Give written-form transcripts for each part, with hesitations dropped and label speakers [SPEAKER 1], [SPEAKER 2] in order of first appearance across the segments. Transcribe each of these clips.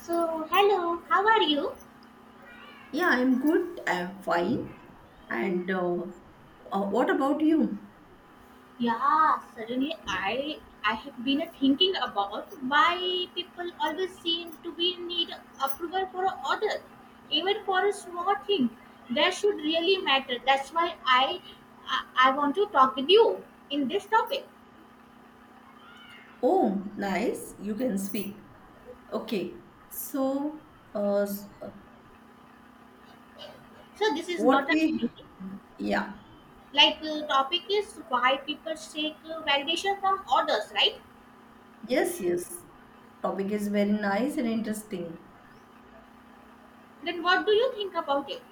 [SPEAKER 1] So, hello, how are you?
[SPEAKER 2] Yeah, I'm good. I'm fine. And what about you?
[SPEAKER 1] Yeah, suddenly I have been thinking about why people always seem to be need approval for a order, even for a small thing. That should really matter. That's why I want to talk with you in this topic.
[SPEAKER 2] Oh, nice. You can speak. Okay. So, uh, s- uh,
[SPEAKER 1] So this is
[SPEAKER 2] what
[SPEAKER 1] not a
[SPEAKER 2] we,
[SPEAKER 1] anything.
[SPEAKER 2] yeah.
[SPEAKER 1] Like topic is why people seek validation from orders, right?
[SPEAKER 2] Yes, yes. Topic is very nice and interesting.
[SPEAKER 1] Then what do you think about it?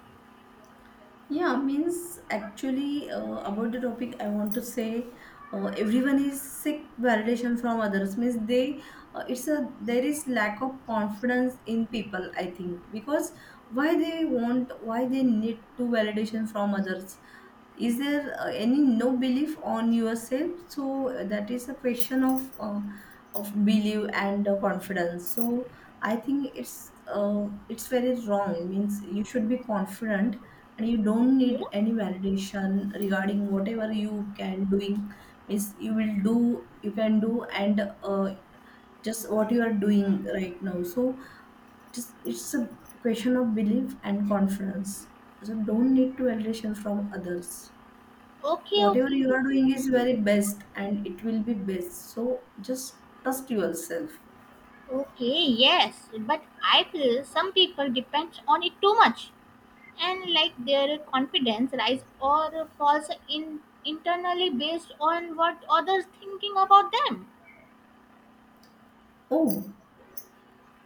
[SPEAKER 2] Yeah, means actually about the topic, I want to say everyone is sick validation from others. Means they, it's a there is lack of confidence in people. I think because why they want, why they need to validation from others is there any no belief on yourself so that is a question of belief and confidence. So I think it's very wrong means you should be confident and you don't need
[SPEAKER 1] Yeah?
[SPEAKER 2] any validation regarding whatever you can doing, means you will do, you can do, and uh, just what you are doing right now. So just it's a question of belief and confidence, so don't need to validation from others.
[SPEAKER 1] Okay,
[SPEAKER 2] Whatever you
[SPEAKER 1] okay.
[SPEAKER 2] are doing is very best and it will be best, so just trust yourself.
[SPEAKER 1] Okay, yes, but I feel some people depend on it too much, and like their confidence rise or falls in internally based on what others thinking about them.
[SPEAKER 2] Oh,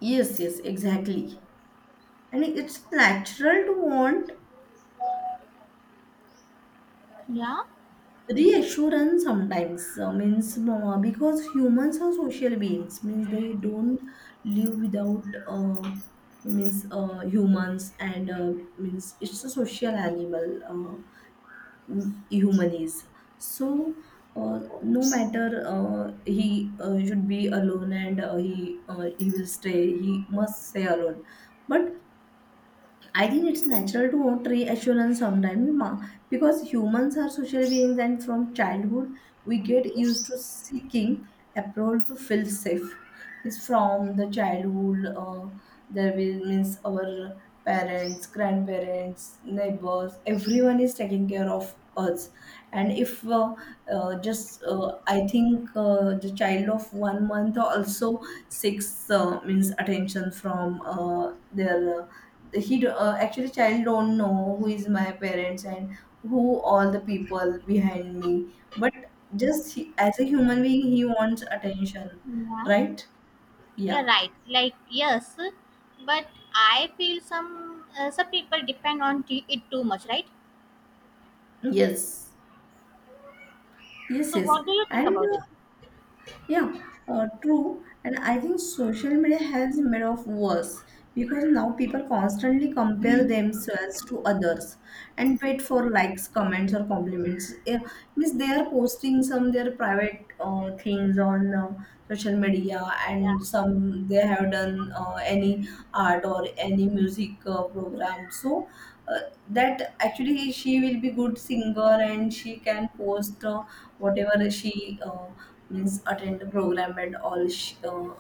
[SPEAKER 2] yes, yes, exactly. And it's natural to want
[SPEAKER 1] Yeah.
[SPEAKER 2] reassurance sometimes means because humans are social beings, means they don't live without means humans and means it's a social animal. Human is, so no matter he should be alone and he will stay, he must stay alone. But I think it's natural to want reassurance sometimes ma, because humans are social beings and from childhood we get
[SPEAKER 1] Okay.
[SPEAKER 2] used to seeking approval to feel safe. It's from the childhood, there will means our parents, grandparents, neighbors, everyone is taking care of us. And if just I think the child of 1 month also seeks means attention from their he actually child don't know who is my parents and who all the people behind me. But just he, as a human being, he wants attention,
[SPEAKER 1] Yeah.
[SPEAKER 2] right?
[SPEAKER 1] You're
[SPEAKER 2] Yeah,
[SPEAKER 1] right. Like yes, but I feel some people depend on it too much, right?
[SPEAKER 2] yes, yes,
[SPEAKER 1] So
[SPEAKER 2] yes.
[SPEAKER 1] what do you think
[SPEAKER 2] And
[SPEAKER 1] about it?
[SPEAKER 2] yeah, true. And I think social media has made of worse because now people constantly compare themselves to others and wait for likes, comments, or compliments. Yeah, means they are posting some their private things on social media, and
[SPEAKER 1] Yeah.
[SPEAKER 2] some they have done any art or any music program. So uh, that actually she will be good singer and she can post. Whatever she means attend the program and all she, uh,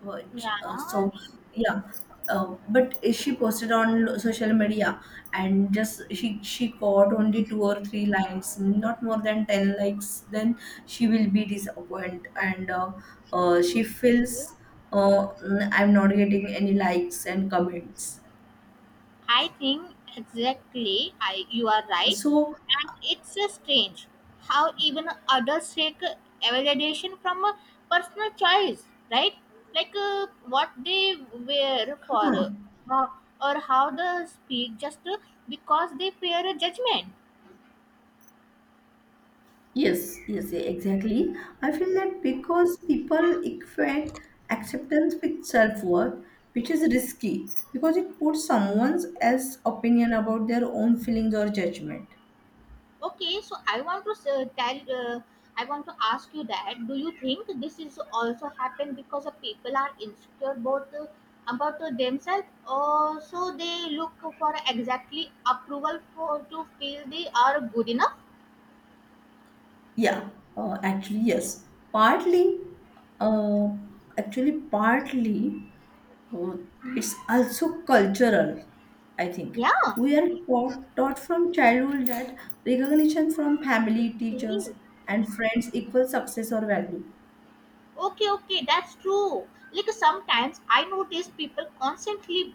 [SPEAKER 2] what, uh,
[SPEAKER 1] Yeah.
[SPEAKER 2] so yeah. But she posted on social media and just she got only two or three lines, not more than 10 likes. Then she will be disappointed and she
[SPEAKER 1] Okay.
[SPEAKER 2] feels I'm not getting any likes and comments,
[SPEAKER 1] I think exactly you are right.
[SPEAKER 2] so
[SPEAKER 1] And it's strange how even adults seek validation from a personal choice, right? Like what they wear for
[SPEAKER 2] huh.
[SPEAKER 1] or or how they speak just because they fear judgment.
[SPEAKER 2] Yes, yes, yeah, exactly. I feel that because people equate acceptance with self worth, which is risky because it puts someone's as opinion about their own feelings or judgment.
[SPEAKER 1] Okay, so I want to ask you that do you think this is also happen because of people are insecure about themselves, or so they look for exactly approval for to feel they are good enough?
[SPEAKER 2] Yeah, actually, yes. Partly, uh, actually, partly, uh, it's also cultural, I think.
[SPEAKER 1] Yeah.
[SPEAKER 2] We are taught from childhood that recognition from family, teachers,
[SPEAKER 1] Okay.
[SPEAKER 2] and friends equals success or value.
[SPEAKER 1] Okay, okay, that's true. Like sometimes I notice people constantly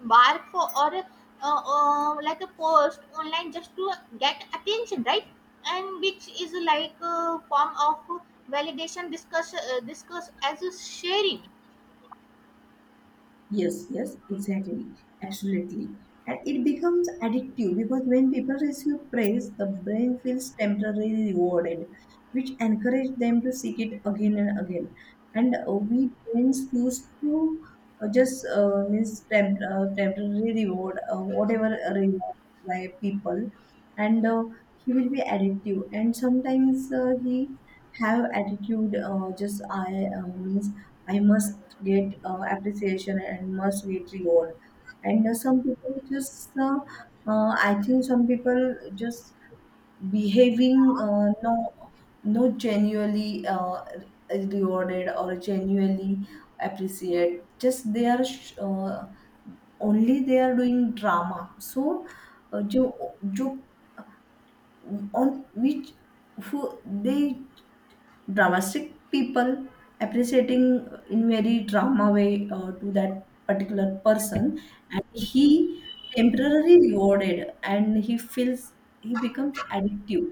[SPEAKER 1] bark for or like a post online just to get attention, right? And which is like a form of validation discuss as a sharing.
[SPEAKER 2] Yes, yes, exactly, absolutely. And it becomes addictive because when people receive praise, the brain feels temporarily rewarded, which encourages them to seek it again and again. And we brains used to temporary reward, whatever reward by people, and he will be addictive. And sometimes he have attitude, just I must get appreciation and must get reward. And some people just, I think some people just behaving no, no genuinely rewarded or genuinely appreciate. Just they are only they are doing drama. So, जो जो on which who they dramatic people appreciating in very drama way to that particular person, and he temporarily rewarded and he feels he becomes addictive.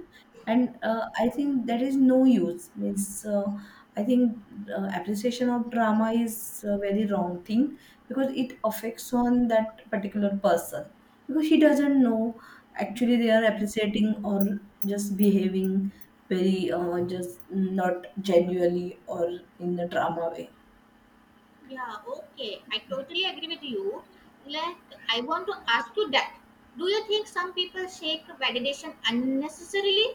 [SPEAKER 2] And I think that is no use, means I think appreciation of drama is a very wrong thing because it affects on that particular person, because he doesn't know actually they are appreciating or just behaving very just not genuinely or in the drama way.
[SPEAKER 1] Yeah, okay. I totally agree with you. Like, I want to ask you that. Do you think some people seek validation unnecessarily?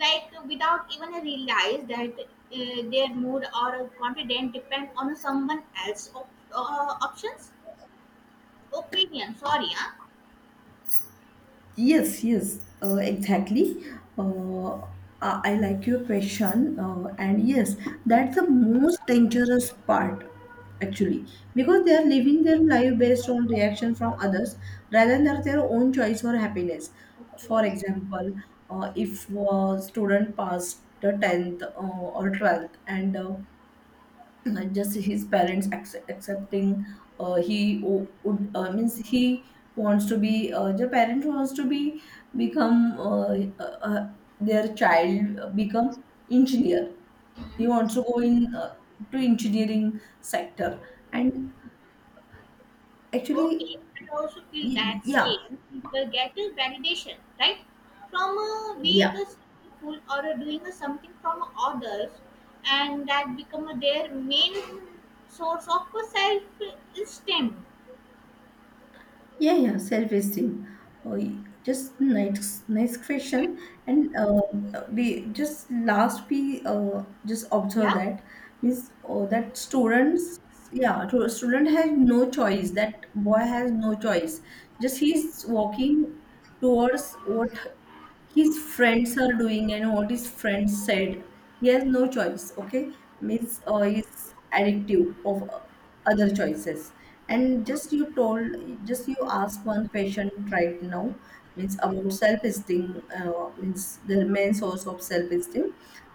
[SPEAKER 1] Like, without even realize that their mood or confidence depend on someone else's options? Opinion, sorry, huh?
[SPEAKER 2] Yes, yes, exactly. Uh, I like your question, and yes, that's the most dangerous part, actually, because they are living their life based on reaction from others rather than their own choice or happiness. For
[SPEAKER 1] Okay.
[SPEAKER 2] example, if a student passed the tenth or 12th, and not just his parents accepting he would means he wants to be the parent wants to be become uh, uh, their child become engineer, he wants to go in to engineering sector and actually
[SPEAKER 1] Okay, I also feel
[SPEAKER 2] y-
[SPEAKER 1] that
[SPEAKER 2] yeah,
[SPEAKER 1] same people get a validation, right? From being a
[SPEAKER 2] yeah.
[SPEAKER 1] successful or doing a something from others, and that become their main source of self esteem.
[SPEAKER 2] Yeah, yeah, self-esteem. Oh, y- just nice, nice question. And we just last we just observe
[SPEAKER 1] Yeah.
[SPEAKER 2] that means oh, that students, yeah, to- student has no choice. That boy has no choice. Just he's walking towards what his friends are doing and what his friends said. He has no choice, okay, means he's addictive of other choices. And just you told, just you ask one patient right now, means about self-esteem, means the main source of self-esteem,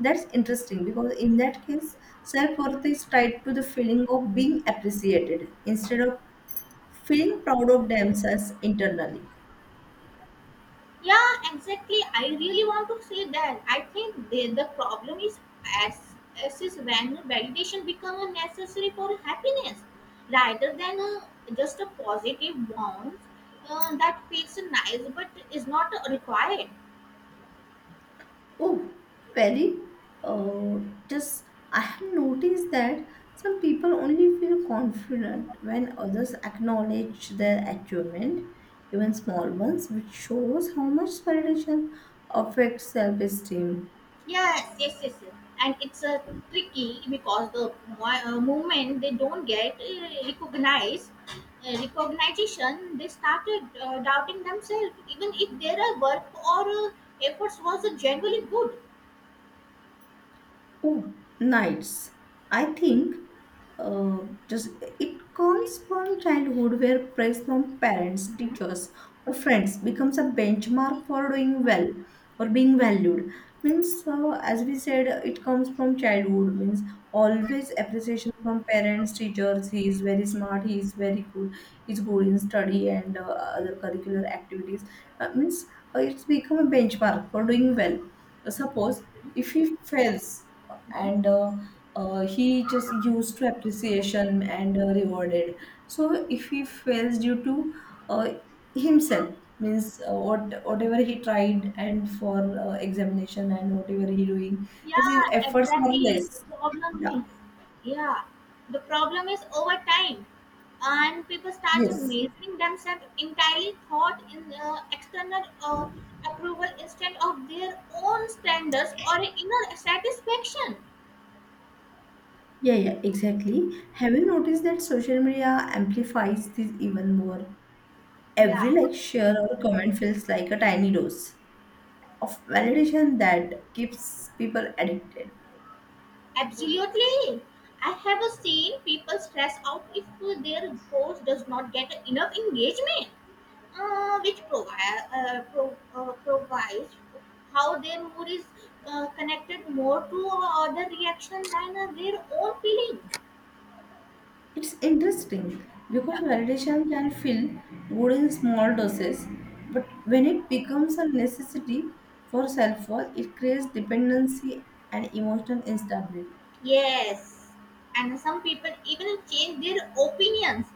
[SPEAKER 2] that's interesting because in that case self-worth is tied to the feeling of being appreciated instead of feeling proud of themselves internally.
[SPEAKER 1] Yeah, exactly. I really want to say that. I think the problem is as, as is when validation becomes necessary for happiness rather than just a positive bond that feels nice but is not required.
[SPEAKER 2] Oh, very. Uh, just I have noticed that some people only feel confident when others acknowledge their achievement, even small ones, which shows how much validation affects self-esteem.
[SPEAKER 1] Yes, yes, yes, yes. And it's a tricky because the moment they don't get recognition, they started doubting themselves, even if their work or efforts was genuinely good.
[SPEAKER 2] Oh, nights. I think uh, just it comes from childhood where praise from parents, teachers, or friends becomes a benchmark for doing well or being valued. Means, as we said, it comes from childhood. Means always appreciation from parents, teachers. He is very smart. He is very good. He's good in study and other curricular activities. Means it's become a benchmark for doing well. Suppose if he fails, and he just used to appreciation and rewarded. So if he fails due to uh, himself, means what whatever he tried and for examination and whatever he doing,
[SPEAKER 1] Yeah,
[SPEAKER 2] this is efforts are
[SPEAKER 1] exactly.
[SPEAKER 2] less,
[SPEAKER 1] The problem
[SPEAKER 2] yeah.
[SPEAKER 1] is, yeah, the problem is over time, and people start
[SPEAKER 2] Yes,
[SPEAKER 1] measuring themselves entirely thought in external approval instead of their own standards or inner satisfaction.
[SPEAKER 2] yeah, yeah, exactly. Have you noticed that social media amplifies this even more? Every
[SPEAKER 1] Yeah,
[SPEAKER 2] like, share, or comment feels like a tiny dose of validation that keeps people addicted.
[SPEAKER 1] absolutely. I have seen people stress out if their post does not get enough engagement which provide provides how their mood is connected more to other reaction than their own feeling.
[SPEAKER 2] It's interesting because
[SPEAKER 1] Yeah.
[SPEAKER 2] validation can feel good in small doses, but when it becomes a necessity for self worth, it creates dependency and emotional instability.
[SPEAKER 1] Yes, and some people even change their opinions,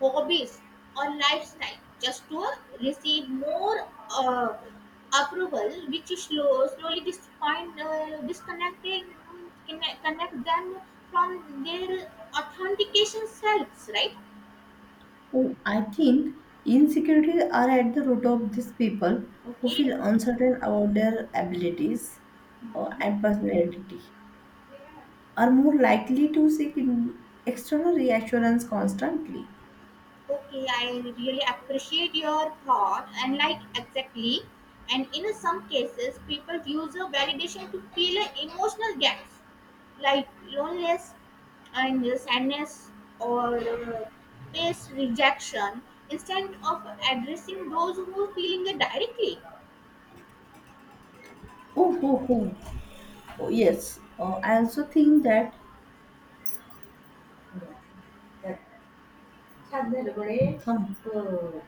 [SPEAKER 1] hobbies, or lifestyle just to receive more approval, which is slowly disconnecting, connect them from their authentication selves, right?
[SPEAKER 2] Oh, I think insecurities are at the root of these people who
[SPEAKER 1] Okay.
[SPEAKER 2] feel uncertain about their abilities and personality, are more likely to seek in external reassurance constantly.
[SPEAKER 1] Okay, I really appreciate your thought and like exactly. And in some cases, people use a validation to fill a emotional gaps like loneliness and sadness or face rejection instead of addressing those who are feeling it directly.
[SPEAKER 2] Oh, oh, oh, oh, yes. I also think that that Oh.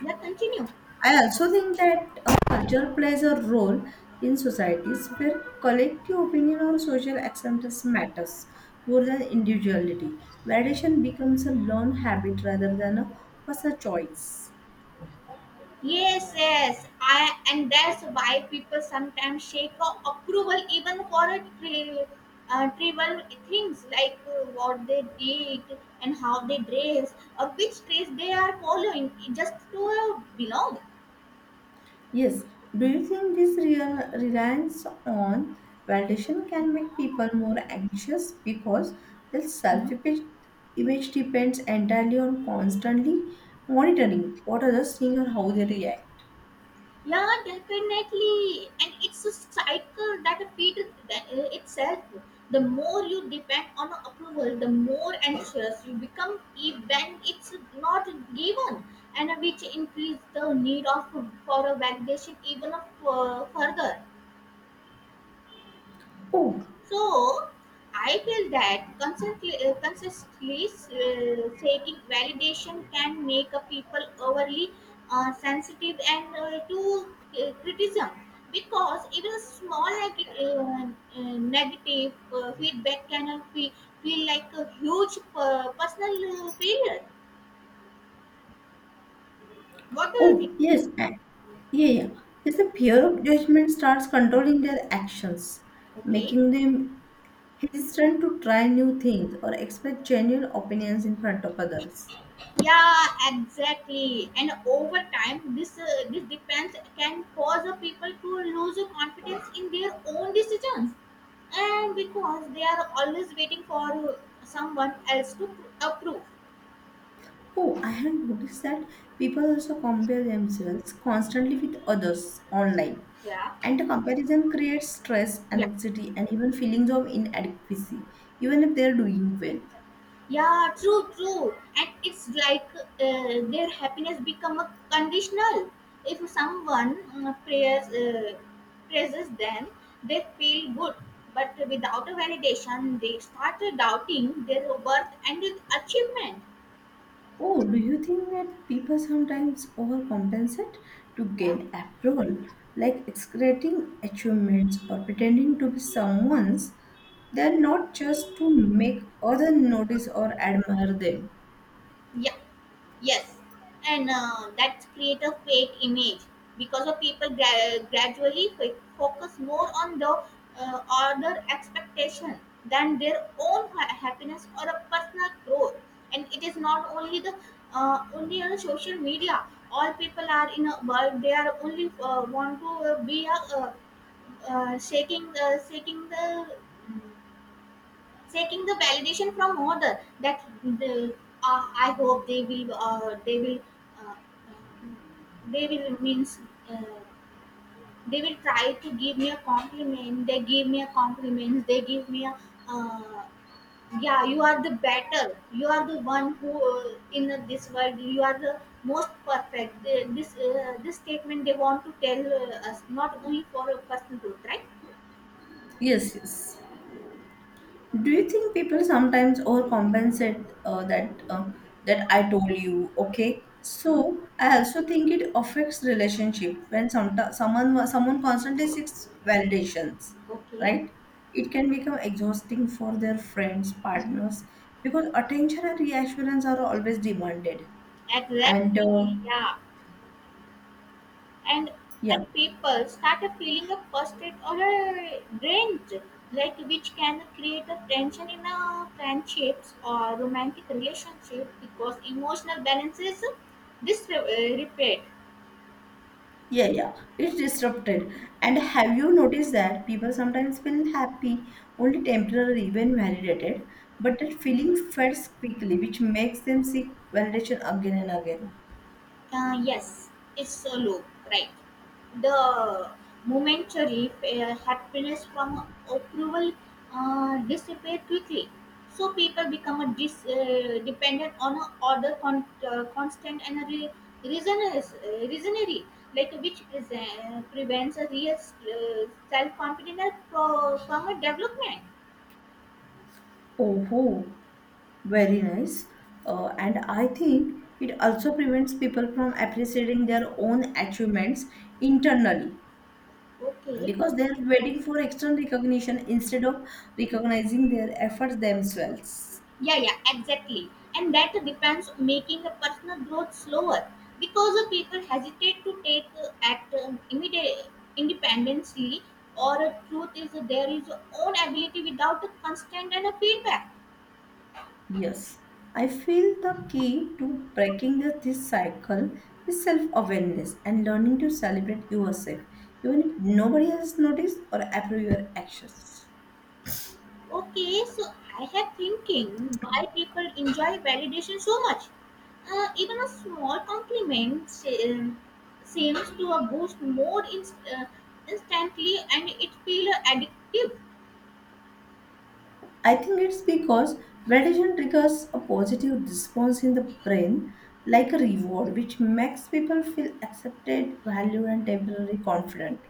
[SPEAKER 1] Yeah, continue.
[SPEAKER 2] I also think that a culture plays a role in societies where collective opinion or social acceptance matters more than individuality. Validation becomes a learned habit rather than a personal choice.
[SPEAKER 1] Yes, yes. And that's why people sometimes shake approval even for a trivial things like what they did and how they dress or which dress they are following just to belong.
[SPEAKER 2] Yes. Do you think this real reliance on validation can make people more anxious because their self
[SPEAKER 1] Hmm?
[SPEAKER 2] image depends entirely on constantly monitoring what others think or how they react?
[SPEAKER 1] Yeah, definitely. And it's a cycle that feeds itself. The more you depend on approval, the more anxious you become if- when it's not given, and which increase the need of for a validation even of, further.
[SPEAKER 2] Oh,
[SPEAKER 1] So I feel that consistently seeking validation can make a people overly sensitive and to criticism because even a small negative feedback can feel like a huge personal failure. What do you think?
[SPEAKER 2] oh, yes. Yeah, yeah. Yes, the fear of judgment starts controlling their actions,
[SPEAKER 1] Okay.
[SPEAKER 2] making them hesitant to try new things or express genuine opinions in front of others.
[SPEAKER 1] Yeah, exactly, and over time this depends can cause the people to lose the confidence in their own decisions and because they are always waiting for someone else to approve.
[SPEAKER 2] Oh, I have noticed that people also compare themselves constantly with others online.
[SPEAKER 1] Yeah,
[SPEAKER 2] And the comparison creates stress,
[SPEAKER 1] yeah.
[SPEAKER 2] anxiety, and even feelings of inadequacy, even if they're doing well.
[SPEAKER 1] Yeah, true, true. And it's like their happiness become a conditional. If someone prayers, praises them, they feel good. But without a validation, they start doubting their worth and achievement.
[SPEAKER 2] Oh, do you think that people sometimes overcompensate to
[SPEAKER 1] Yeah,
[SPEAKER 2] gain approval, like exaggerating achievements or pretending to be someone's? They're not just to make others notice or admire them.
[SPEAKER 1] yeah. Yes, and that's create a fake image because of people gradually focus more on the other expectation than their own happiness or a personal growth. And it is not only the only on social media. All people are in a world. They are only want to be shaking the taking the validation from other that the, I hope they will they will uh, um, they will means uh, they will try to give me a compliment they give me a compliment they give me a uh, yeah you are the better you are the one who in this world you are the most perfect. They- this this statement they want to tell us not only for a personal growth, right?
[SPEAKER 2] Yes, yes. Do you think people sometimes overcompensate that I told you? Okay,
[SPEAKER 1] Mhm.
[SPEAKER 2] so I also think it affects relationship when someone constantly seeks validations,
[SPEAKER 1] Okay.
[SPEAKER 2] right? It can become exhausting for their friends,
[SPEAKER 1] Mhm.
[SPEAKER 2] partners, because attention and reassurance are always demanded. And
[SPEAKER 1] Exactly, yeah, and
[SPEAKER 2] yeah.
[SPEAKER 1] and people start feeling a frustrated or a drained, like which can create a tension in a friendships or romantic relationship because emotional balance is disrepaired.
[SPEAKER 2] Yeah, yeah, it's disrupted. And have you noticed that people sometimes feel happy only temporarily when validated, but that feeling fades quickly, which makes them seek validation again and again.
[SPEAKER 1] Yes, it's a loop, right? The momentary happiness from approval dissipate quickly, so people become dependent on a other constant and a reasonary, like which is, prevents a real self confidence from a development.
[SPEAKER 2] Oh, very nice. And I think it also prevents people from appreciating their own achievements internally
[SPEAKER 1] Okay.
[SPEAKER 2] because they are waiting for external recognition instead of recognizing their efforts themselves.
[SPEAKER 1] Yeah, yeah, exactly, and that depends on making a personal growth slower because the people hesitate to take act immediate independently or a truth is that there is own ability without a constant and a feedback.
[SPEAKER 2] Yes, I feel the key to breaking this cycle is self awareness and learning to celebrate yourself, even if nobody else notices or approve your actions.
[SPEAKER 1] Okay, so I have thinking why people enjoy validation so much, even a small compliment um, seems to a boost more instantly and it feel addictive.
[SPEAKER 2] I think it's because validation triggers a positive response in the brain, like a reward, which makes people feel accepted, valued, and temporarily confident.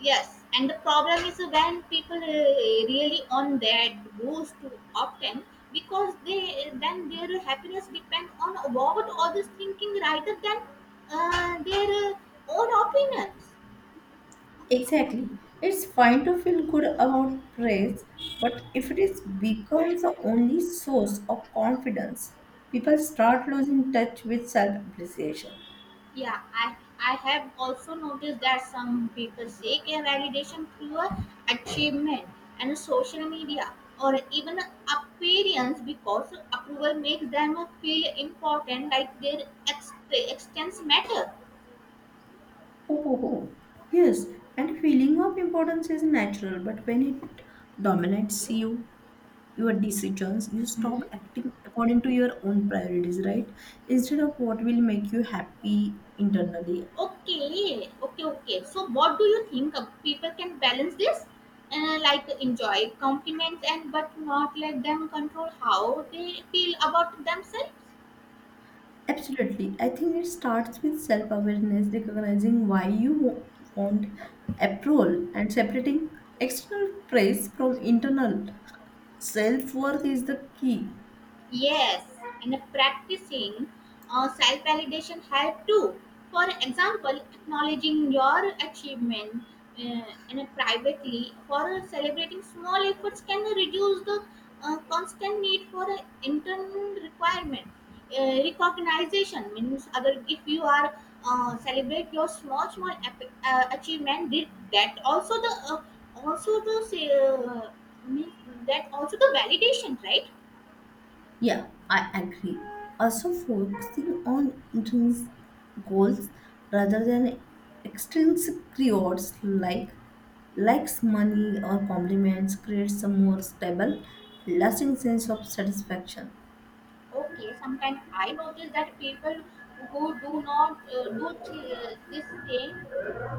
[SPEAKER 1] Yes, and the problem is when people really on that goes too often because they then their happiness depend on what others thinking rather than their own opinions.
[SPEAKER 2] Exactly. It's fine to feel good about praise, but if it is becomes the only source of confidence, people start losing touch with self-appreciation.
[SPEAKER 1] Yeah, I have also noticed that some people seek a validation through a achievement and social media or even appearance because approval makes them feel important, like their extents matter.
[SPEAKER 2] Oh, oh, oh. Yes, and feeling of importance is natural, but when it dominates you, your decisions, you stop
[SPEAKER 1] Mhm.
[SPEAKER 2] acting according to your own priorities, right? Instead of what will make you happy internally.
[SPEAKER 1] Okay, okay, okay. So, what do you think of people can balance this? Like enjoy compliments and but not let them control how they feel about themselves.
[SPEAKER 2] Absolutely. I think it starts with self awareness, recognizing why you want approval and separating external praise from internal. Self worth is the key.
[SPEAKER 1] Yes, and practicing self validation help too. For example, acknowledging your achievement in privately for celebrating small efforts can reduce the constant need for internal requirement. Recognition means other if you are celebrate your small achievement did that also the means that also the validation, right?
[SPEAKER 2] Yeah, I agree. Also, focusing on intrinsic goals rather than extrinsic rewards like likes, money, or compliments creates a more stable, lasting sense of satisfaction.
[SPEAKER 1] Okay, sometimes I notice that people who do not do this same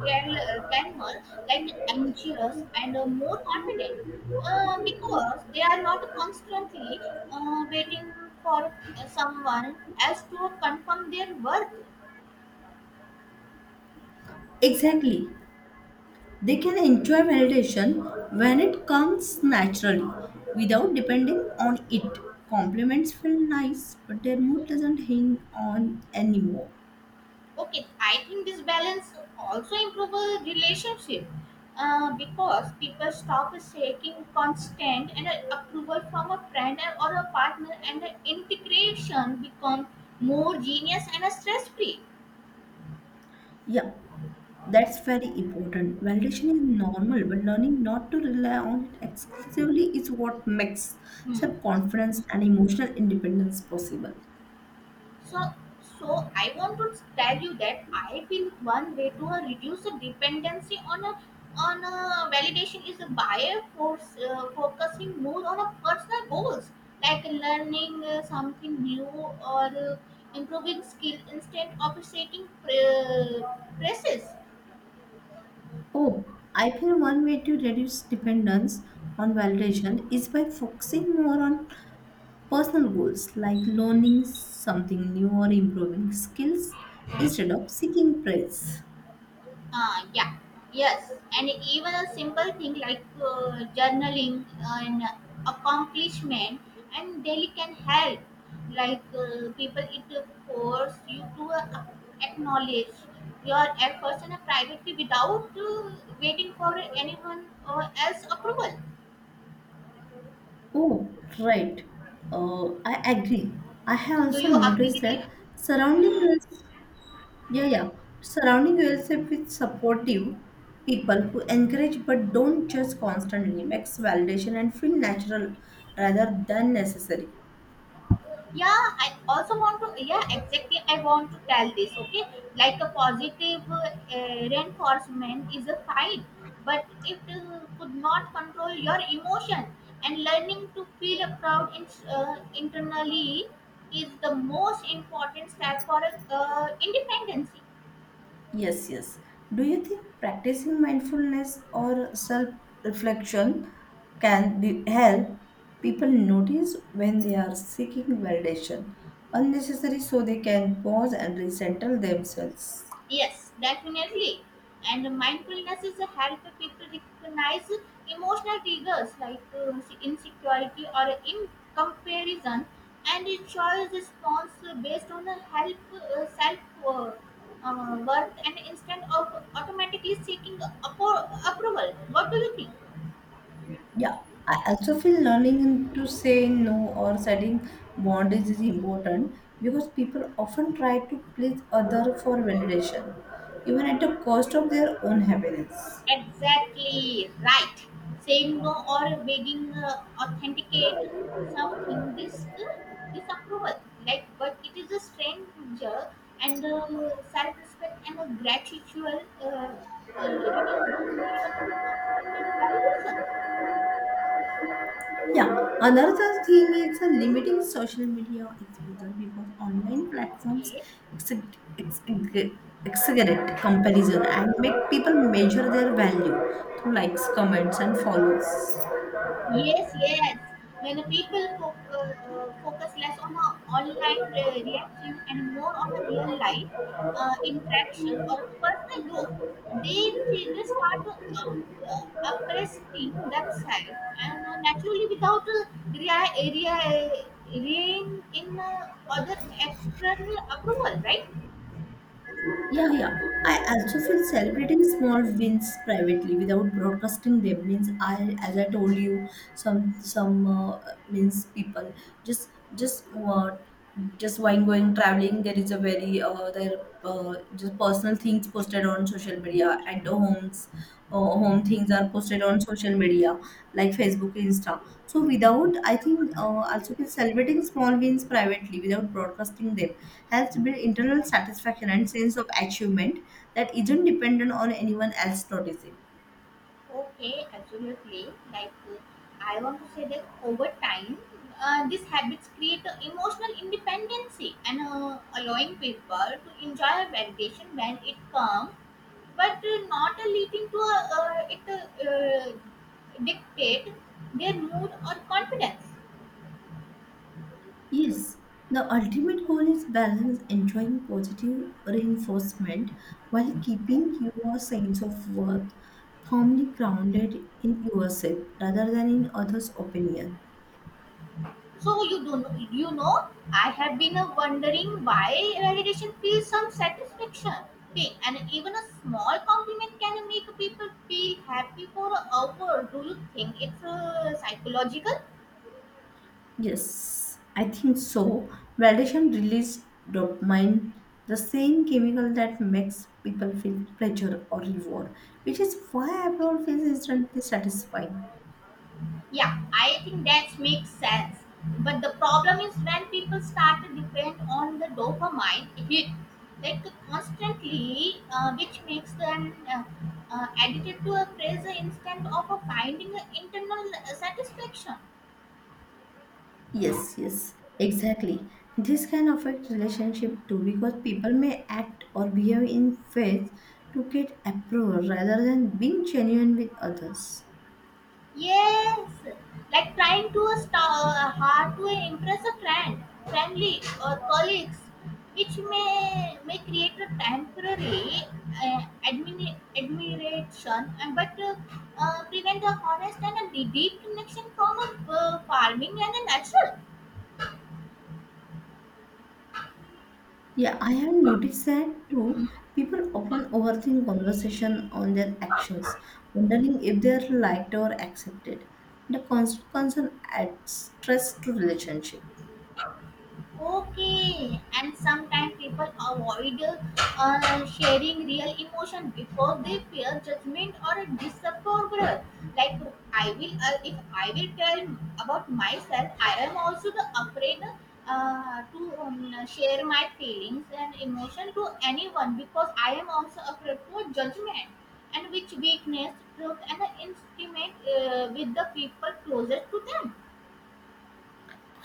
[SPEAKER 1] can more like anxious and more confident because they are not constantly waiting for someone else to confirm their worth.
[SPEAKER 2] Exactly. They can enjoy validation when it comes naturally without depending on it. Compliments feel nice, but their mood doesn't hang on anymore.
[SPEAKER 1] Okay, I think this balance also improve a relationship because people stop seeking constant and approval from a friend and- or a partner and the integration become more genius and stress free.
[SPEAKER 2] Yeah, that's very important. Validation is normal, but learning not to rely on it exclusively is what makes self confidence and emotional independence possible.
[SPEAKER 1] So so I want to tell you that I feel one way to reduce the dependency on a validation is by force focusing more on a personal goals like learning something new or improving skill instead of setting presses.
[SPEAKER 2] Oh, I feel one way to reduce dependence on validation is by focusing more on personal goals like learning something new or improving skills instead of seeking praise.
[SPEAKER 1] Yeah, yes, and even a simple thing like journaling an accomplishment and daily can help. Like people, it force you to acknowledge your efforts and privately without waiting for anyone or else approval.
[SPEAKER 2] Oh, right. I agree. I have
[SPEAKER 1] Do
[SPEAKER 2] also
[SPEAKER 1] you agree
[SPEAKER 2] noticed
[SPEAKER 1] with
[SPEAKER 2] that
[SPEAKER 1] it?
[SPEAKER 2] surrounding yourself, yeah, yeah, surrounding yourself with supportive people who encourage but don't judge constantly makes validation and feel natural rather than necessary.
[SPEAKER 1] Yeah, exactly, I want to tell this, okay, like a positive reinforcement is a fight but it could not control your emotion and learning to feel a proud internally is the most important step for independence.
[SPEAKER 2] Yes, yes. Do you think practicing mindfulness or self reflection can help people notice when they are seeking validation unnecessary so they can pause and resettle themselves?
[SPEAKER 1] Yes, definitely. And mindfulness is a help people recognize emotional triggers like insecurity or in comparison, and it shows response based on the help self uh, worth and instead of automatically seeking approval. What do you think?
[SPEAKER 2] Yeah, I also feel learning to say no or setting boundaries is important because people often try to please other for validation, even at the cost of their own happiness.
[SPEAKER 1] Exactly right. Saying no or begging authenticate something this disapproval. Like, but it is a stranger and self-respect and a gratitude reading the need of to compliment validation.
[SPEAKER 2] Yeah,
[SPEAKER 1] No?
[SPEAKER 2] another thing is a limiting social media exposure because online platforms
[SPEAKER 1] Okay.
[SPEAKER 2] exag- ex- ex- exaggerate comparison and make people measure their value through likes, comments, and follows.
[SPEAKER 1] Yes, yes. When the people focus less on a online reaction and more on a real life interaction or personal growth, they just start to oppressing themselves and naturally without rein in other external approval, right?
[SPEAKER 2] Yeah, yeah. I also feel celebrating small wins privately without broadcasting them means I, as I told you, some means people just just what just when going traveling there is a very there just personal things posted on social media at the homes home things are posted on social media like Facebook, Insta. So without, I think also been celebrating small wins privately without broadcasting them helps build internal satisfaction and sense of achievement that isn't dependent on anyone else noticing.
[SPEAKER 1] Okay, absolutely. Like, I want to say that over time, these habits create a emotional independency and allowing people to enjoy validation when it comes, but not leading to a, it dictate their mood or confidence.
[SPEAKER 2] Yes, the ultimate goal is balance, enjoying positive reinforcement while keeping your sense of worth firmly grounded in yourself rather than in others' opinion.
[SPEAKER 1] So you do know, I have been wondering why validation feels some satisfaction. Okay, and even a small compliment can make people feel happy for an hour. Do you think it's psychological?
[SPEAKER 2] Yes, I think so. Validation releases dopamine, the same chemical that makes people feel pleasure or reward, which is why approval feels instantly satisfying.
[SPEAKER 1] Yeah, I think that makes sense. But the problem is when people start to depend on the dopamine hit, like constantly, which makes them addicted to a pleasure instead of finding internal satisfaction.
[SPEAKER 2] Yes, yes, exactly. This can affect relationship too because people may act or behave in faith to get approval rather than being genuine with others.
[SPEAKER 1] Yes, like trying to star hard to impress a friend, family, or colleagues, which may create a temporary uh, admiration, and but prevent a honest and a deep connection from a farming and a natural.
[SPEAKER 2] Yeah, I have noticed that too. People often overthink conversation on their actions, wondering if they are liked or accepted. The constant concern adds stress to relationship.
[SPEAKER 1] Okay, and sometimes people avoid sharing real emotion because they fear judgment or disapproval. Like, if I will tell about myself, I am also the afraid to share my feelings and emotion to anyone because I am also afraid for judgment and which weakness, truth, and intimate with the people closest to them.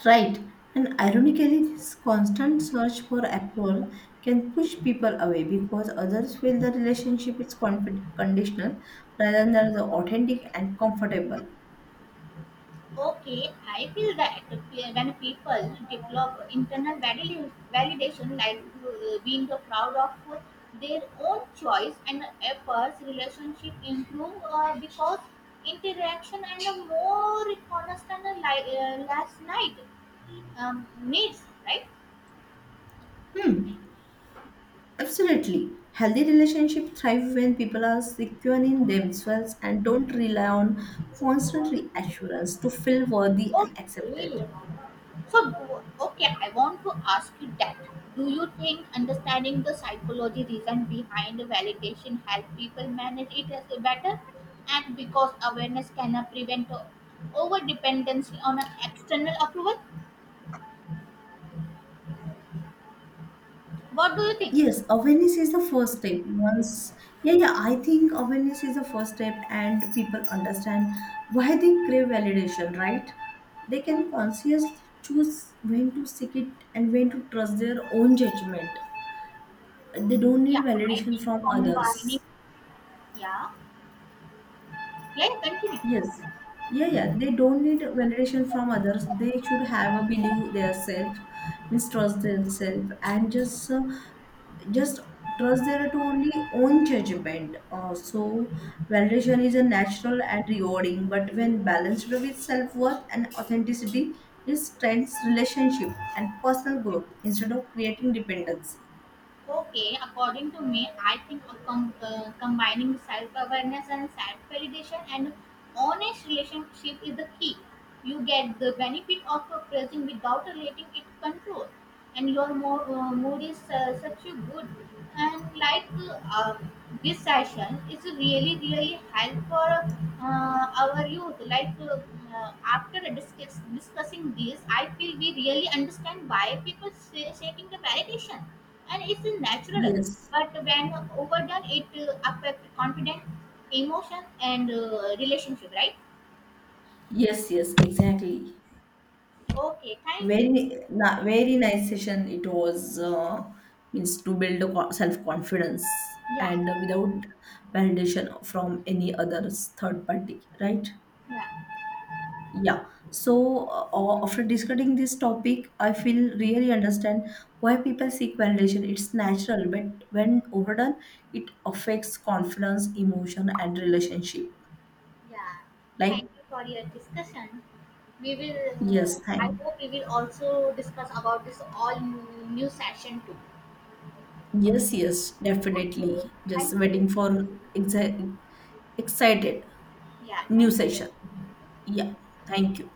[SPEAKER 2] Right, and ironically, this constant search for approval can push people away because others feel the relationship is conditional rather than the authentic and comfortable.
[SPEAKER 1] Okay, I feel that when people develop internal validation, like being proud of their own choice and efforts, relationship improve because interaction and a more constant last night needs, right?
[SPEAKER 2] Absolutely. Healthy relationships thrive when people are secure in themselves and don't rely on constant reassurance to feel worthy
[SPEAKER 1] Oh,
[SPEAKER 2] and accepted.
[SPEAKER 1] really? So, okay, I want to ask you that. Do you think understanding the psychology reason behind the validation help people manage it as a better? And because awareness can prevent over dependency on an external approval? What do you think?
[SPEAKER 2] Yes, awareness is the first step. I think awareness is the first step, and people understand why they crave validation, right? They can consciously choose when to seek it and when to trust their own judgment. They don't need
[SPEAKER 1] Yeah, I
[SPEAKER 2] validation
[SPEAKER 1] think
[SPEAKER 2] from others.
[SPEAKER 1] combining. Yeah, yeah, yeah, continue.
[SPEAKER 2] Yes. Yeah, yeah. They don't need validation from others. They should have a believe their self, mistrust themselves, and just trust their to only own judgment. So validation is a natural and rewarding, but when balanced with self worth and authenticity, it strengthens relationship and personal growth instead of creating dependency.
[SPEAKER 1] Okay, according to me, I think a combining self awareness and self validation and honest relationship is the key. You get the benefit of a present without letting it control, and your mood is such a good. And like this session is really really help for our youth. Like after discussing this, I feel we really understand why people seeking the validation and it's a natural
[SPEAKER 2] Yes.
[SPEAKER 1] but when overdone it affect confidence emotion and relationship, right?
[SPEAKER 2] Yes. Yes. Exactly.
[SPEAKER 1] Okay, thank you.
[SPEAKER 2] Very nice session it was. Means to build a self-confidence
[SPEAKER 1] Yeah.
[SPEAKER 2] and without validation from any other third party, right?
[SPEAKER 1] Yeah.
[SPEAKER 2] Yeah. So after discussing this topic, I feel really understand why people seek validation. It's natural, but when overdone, it affects confidence, emotion, and relationship.
[SPEAKER 1] Yeah,
[SPEAKER 2] Like
[SPEAKER 1] thank you for your discussion. We will uh,
[SPEAKER 2] yes,
[SPEAKER 1] I
[SPEAKER 2] thank you.
[SPEAKER 1] hope we will also discuss about this all new, session too.
[SPEAKER 2] Yes, yes,
[SPEAKER 1] Okay.
[SPEAKER 2] definitely.
[SPEAKER 1] Thank
[SPEAKER 2] Just
[SPEAKER 1] you.
[SPEAKER 2] waiting for exact Excited.
[SPEAKER 1] Yeah,
[SPEAKER 2] New
[SPEAKER 1] thank
[SPEAKER 2] session.
[SPEAKER 1] you.
[SPEAKER 2] Yeah. Thank you.